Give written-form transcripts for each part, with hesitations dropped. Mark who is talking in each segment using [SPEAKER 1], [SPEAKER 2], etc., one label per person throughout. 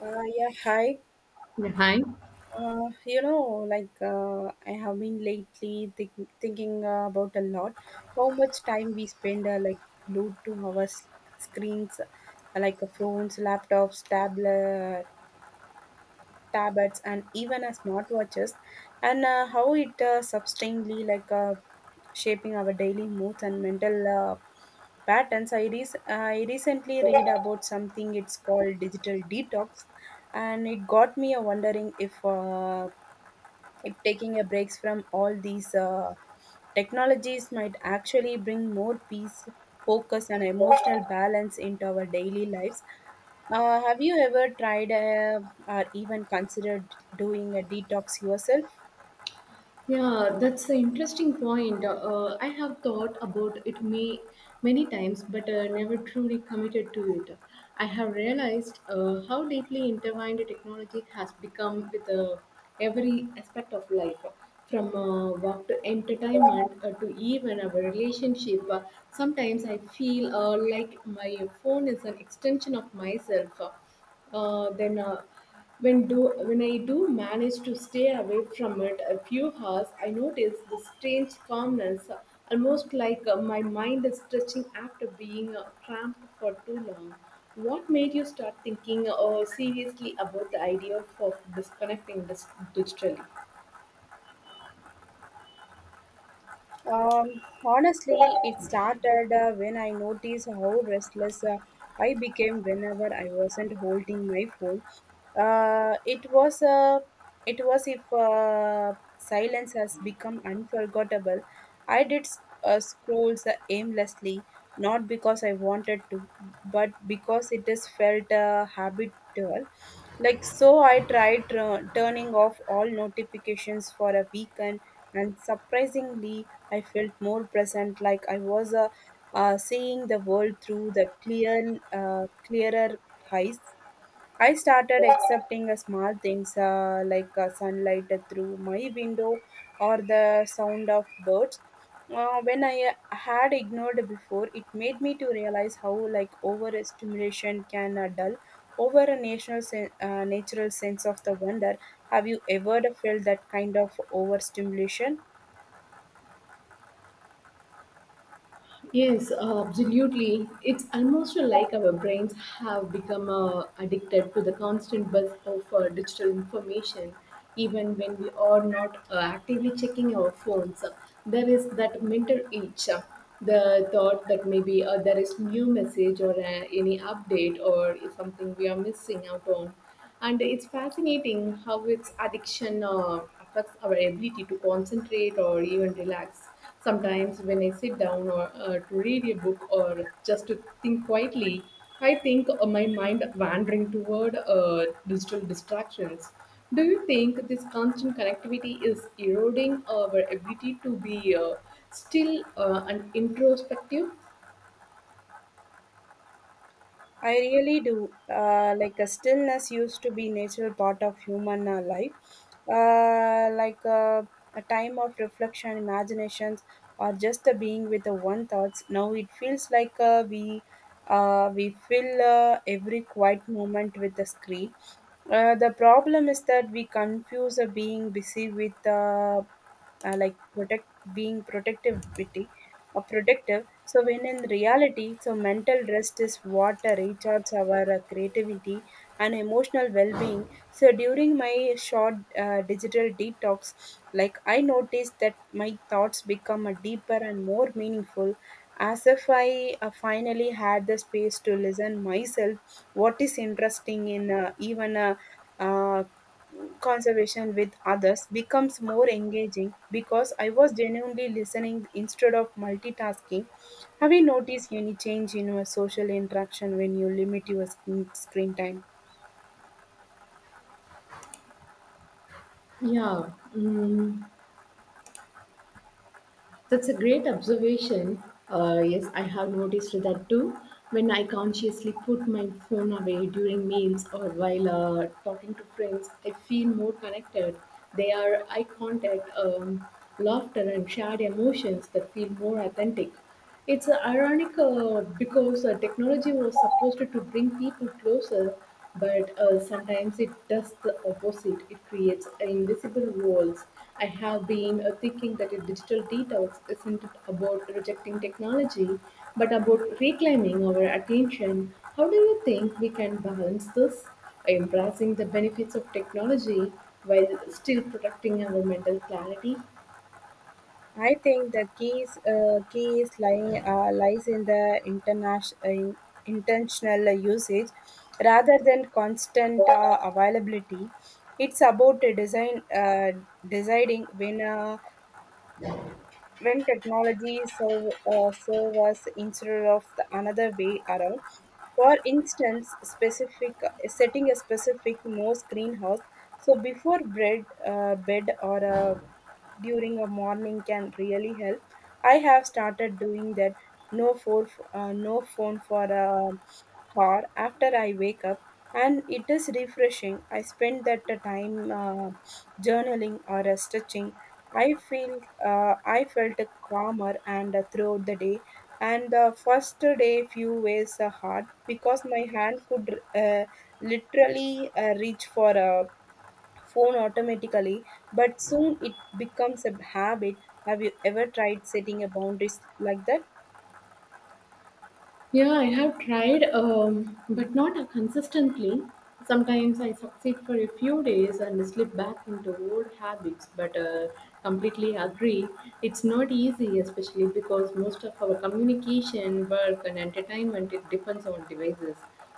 [SPEAKER 1] Yeah, Hi.
[SPEAKER 2] Yeah, hi.
[SPEAKER 1] I have been lately thinking about a lot how much time we spend glued to our screens, phones, laptops, tablets and even as smartwatches and how it substantially shaping our daily moods and mental patterns. I recently read about something it's called digital detox, and it got me a wondering if taking a breaks from all these technologies might actually bring more peace, focus and emotional balance into our daily lives. Have you ever tried or even considered doing a detox yourself?
[SPEAKER 2] Yeah, that's an interesting point. I have thought about many times, but never truly committed to it. I have realized how deeply intertwined technology has become with every aspect of life, from work to entertainment to even our relationship. Sometimes I feel like my phone is an extension of myself. Then. When do when I do manage to stay away from it a few hours, I notice this strange calmness, almost like my mind is stretching after being cramped for too long. What made you start thinking seriously about the idea of disconnecting this digitally?
[SPEAKER 1] Honestly, it started when I noticed how restless I became whenever I wasn't holding my phone. Uh, it was uh, it was if silence has become unforgettable. I did scrolls aimlessly, not because I wanted to, but because it is felt habitual. Like, so I tried turning off all notifications for a weekend, and surprisingly, I felt more present, like I was seeing the world through the clearer eyes. I started accepting small things sunlight through my window or the sound of birds. When I had ignored before, it made me to realize how like overstimulation can dull over a natural sense of the wonder. Have you ever felt that kind of overstimulation?
[SPEAKER 2] Yes, absolutely. It's almost like our brains have become addicted to the constant buzz of digital information, even when we are not actively checking our phones. There is that mental itch, the thought that maybe there is new message or any update or is something we are missing out on. And it's fascinating how its addiction affects our ability to concentrate or even relax. Sometimes, when I sit down or to read a book or just to think quietly, I think my mind wandering toward digital distractions. Do you think this constant connectivity is eroding our ability to be still and introspective?
[SPEAKER 1] I really do. Like a stillness used to be natural part of human life, uh, like uh, a time of reflection, imaginations, or just a being with the one thoughts. Now it feels like we fill every quiet moment with the screen. The problem is that we confuse a being busy with like protect being protectivity or productive. So when in reality, so mental rest is what recharges our creativity and emotional well-being. So during my short digital detox, like I noticed that my thoughts become a deeper and more meaningful as if I finally had the space to listen myself what is interesting in even a uh, conversation with others becomes more engaging because I was genuinely listening instead of multitasking. Have you noticed any change in your social interaction when you limit your screen time?
[SPEAKER 2] Yeah. Mm. That's a great observation. Yes, I have noticed that too. When I consciously put my phone away during meals or while talking to friends, I feel more connected. They are eye contact, laughter, and shared emotions that feel more authentic. It's ironic because technology was supposed to bring people closer, but sometimes it does the opposite. It creates invisible walls. I have been thinking that a digital detox isn't about rejecting technology, but about reclaiming our attention. How do you think we can balance this? Embracing the benefits of technology while still protecting our mental clarity?
[SPEAKER 1] I think the key is lying lies in the intentional usage rather than constant availability. It's about a design deciding when technology serve us instead of the another way around. For instance, specific setting a specific no screen house, so before bed or during a morning can really help. I have started doing that. no for no phone for or after I wake up, and it is refreshing. I spend that time journaling or stretching. I felt calmer and throughout the day. And the first day few ways hard because my hand could literally reach for a phone automatically, but soon it becomes a habit. Have you ever tried setting a boundaries like that?
[SPEAKER 2] Yeah, I have tried, but not consistently. Sometimes I succeed for a few days and slip back into old habits, but completely agree. It's not easy, especially because most of our communication, work, and entertainment it depends on devices.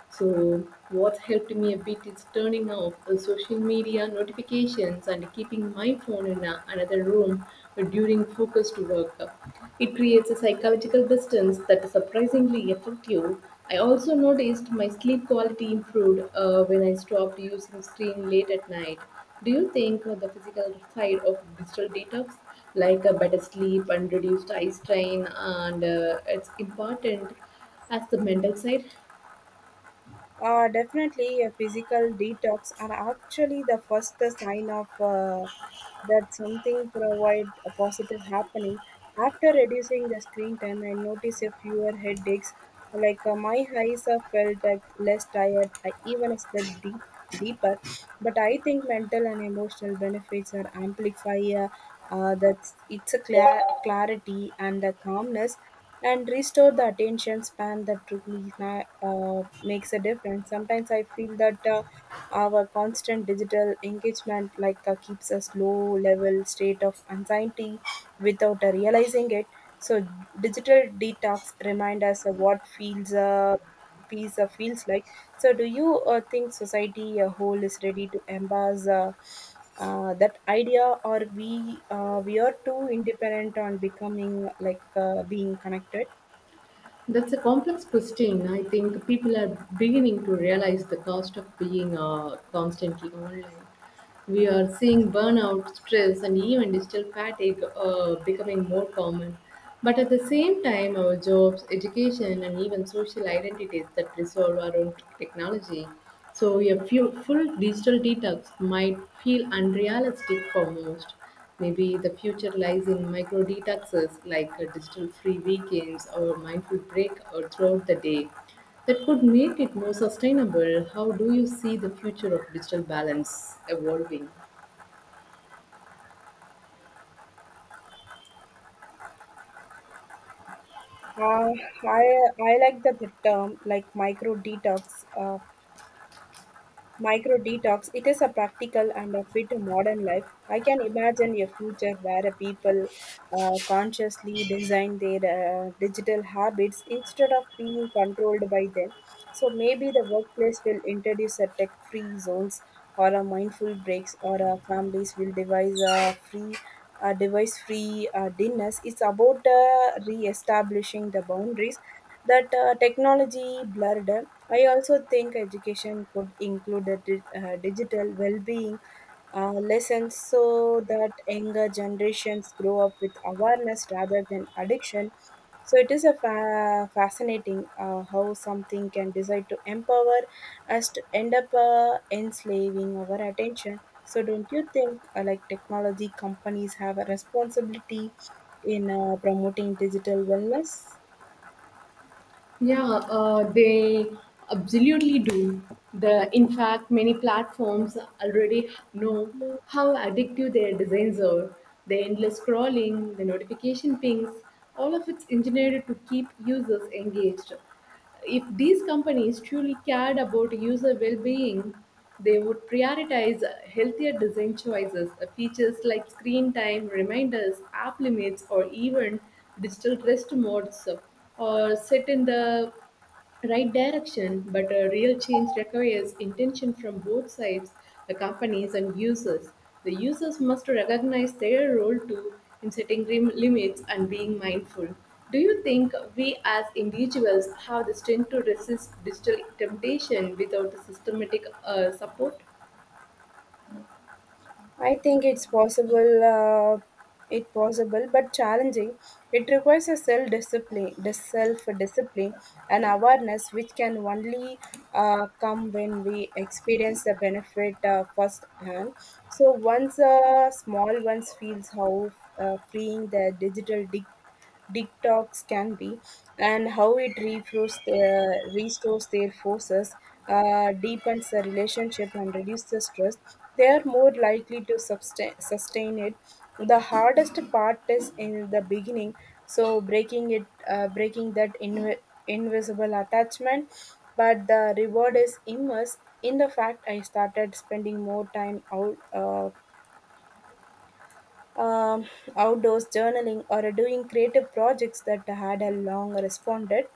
[SPEAKER 2] So, what's helped me a bit is turning off the social media notifications and keeping my phone in another room during focused work. It creates a psychological distance that is surprisingly effective. I also noticed my sleep quality improved when I stopped using screen late at night. Do you think the physical side of digital detox, like a better sleep and reduced eye strain, and it's important as the mental side?
[SPEAKER 1] Definitely, a physical detox are actually the first sign of that something provide a positive happening. After reducing the screen time, I notice a fewer headaches. Like my eyes have felt like less tired. I even slept deeper. But I think mental and emotional benefits are amplify that it's a clarity and the calmness and restore the attention span that truly makes a difference. Sometimes I feel that our constant digital engagement like keeps us low level state of anxiety without realizing it. So digital detox remind us of what feels visa feels like. So, do you think society a whole is ready to embrace that idea, or we are too independent on becoming like being connected?
[SPEAKER 2] That's a complex question. I think people are beginning to realize the cost of being constantly online. We are seeing burnout, stress, and even digital fatigue becoming more common. But at the same time, our jobs, education, and even social identities that resolve around technology. So, full digital detox might feel unrealistic for most. Maybe the future lies in micro detoxes like digital free weekends or mindful break or throughout the day that could make it more sustainable. How do you see the future of digital balance evolving?
[SPEAKER 1] Uh, I I like that the term like micro detox. Micro detox, it is a practical and a fit modern life. I can imagine a future where a people consciously design their digital habits instead of being controlled by them. So maybe the workplace will introduce a tech-free zones or a mindful breaks, or families will devise a free device-free dinners. It's about re-establishing the boundaries that technology blurred. I also think education could include a digital well-being lessons so that younger generations grow up with awareness rather than addiction. So it is a fascinating how something can decide to empower us to end up enslaving our attention. So don't you think like technology companies have a responsibility in promoting digital wellness?
[SPEAKER 2] Yeah, they absolutely do. The in fact, many platforms already know how addictive their designs are. The endless scrolling, the notification pings, all of it's engineered to keep users engaged. If these companies truly cared about user well-being, they would prioritize healthier design choices. Features like screen time reminders, app limits, or even digital rest modes, or set in the right direction, but a real change requires intention from both sides, the companies and users. The users must recognize their role too in setting limits and being mindful. Do you think we as individuals have the strength to resist digital temptation without the systematic support?
[SPEAKER 1] I think it's possible. It possible, but challenging. It requires a self discipline, and awareness, which can only come when we experience the benefit firsthand. So once small ones feels how freeing the digital dig detox can be, and how it restores their forces, deepens the relationship, and reduces the stress, they are more likely to sustain it. The hardest part is in the beginning, so breaking that invisible attachment. But the reward is immense. In the fact I started spending more time out. Um, Outdoors journaling or doing creative projects that had a long responded.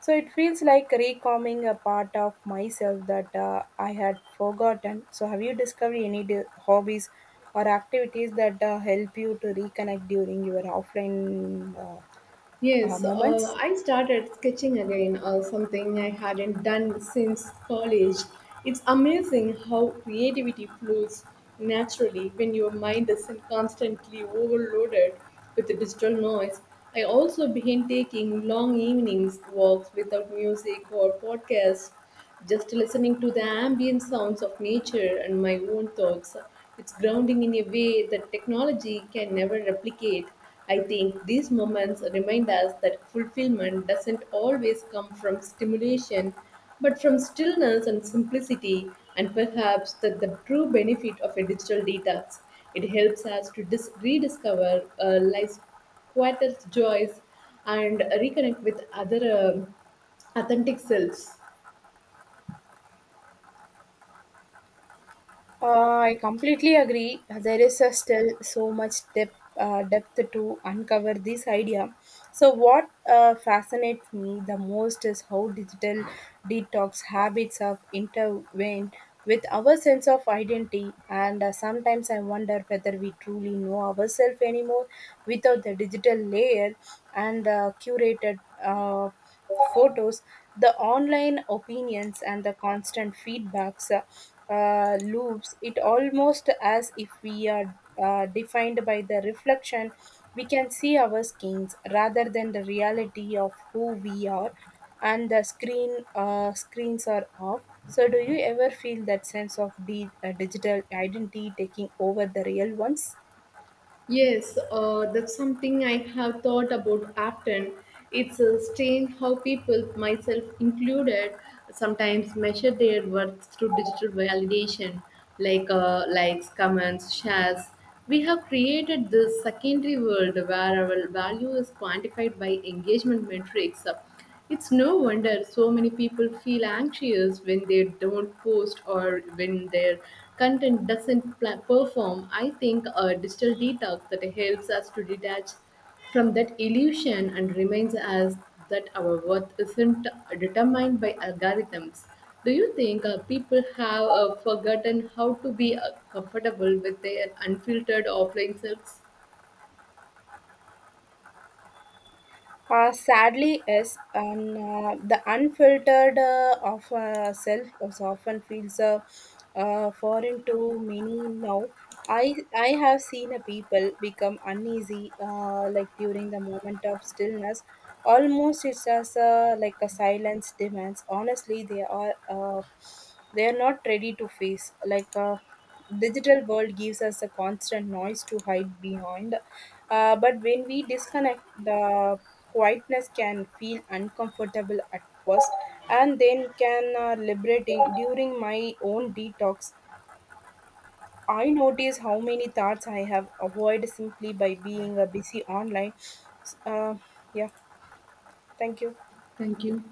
[SPEAKER 1] So it feels like recalming a part of myself that I had forgotten. So have you discovered any hobbies or activities that help you to reconnect during your offline
[SPEAKER 2] Yes,
[SPEAKER 1] moments?
[SPEAKER 2] I started sketching again, something I hadn't done since college. It's amazing how creativity flows naturally when your mind isn't constantly overloaded with the digital noise. I also began taking long evenings walks without music or podcasts, just listening to the ambient sounds of nature and my own thoughts. It's grounding in a way that technology can never replicate. I think these moments remind us that fulfillment doesn't always come from stimulation, but from stillness and simplicity, and perhaps that the true benefit of a digital detox. It helps us to rediscover life's quietest joys and reconnect with other authentic selves.
[SPEAKER 1] I completely agree. There is a still so much depth to uncover this idea. So, what fascinates me the most is how digital detox habits have intervened with our sense of identity. And sometimes I wonder whether we truly know ourselves anymore without the digital layer and curated photos, the online opinions, and the constant feedbacks loops. It almost as if we are defined by the reflection we can see our skins rather than the reality of who we are and the screens are off. So do you ever feel that sense of digital identity taking over the real ones?
[SPEAKER 2] Yes, that's something I have thought about often. It's strange how people, myself included, sometimes measure their worth through digital validation, like likes, comments, shares. We have created this secondary world where our value is quantified by engagement metrics. It's no wonder so many people feel anxious when they don't post or when their content doesn't perform. I think a digital detox that helps us to detach from that illusion and reminds us that our worth isn't determined by algorithms. Do you think people have forgotten how to be comfortable with their unfiltered offline selves?
[SPEAKER 1] Sadly, is and the unfiltered of self is often feels foreign to many now. I have seen a people become uneasy like during the moment of stillness. Almost it's as like a silence demands. Honestly, they are not ready to face like. Digital world gives us a constant noise to hide behind, but when we disconnect the quietness can feel uncomfortable at first, and then can liberating. During my own detox, I notice how many thoughts I have avoided simply by being busy online. S- uh, yeah, thank you.
[SPEAKER 2] Thank you.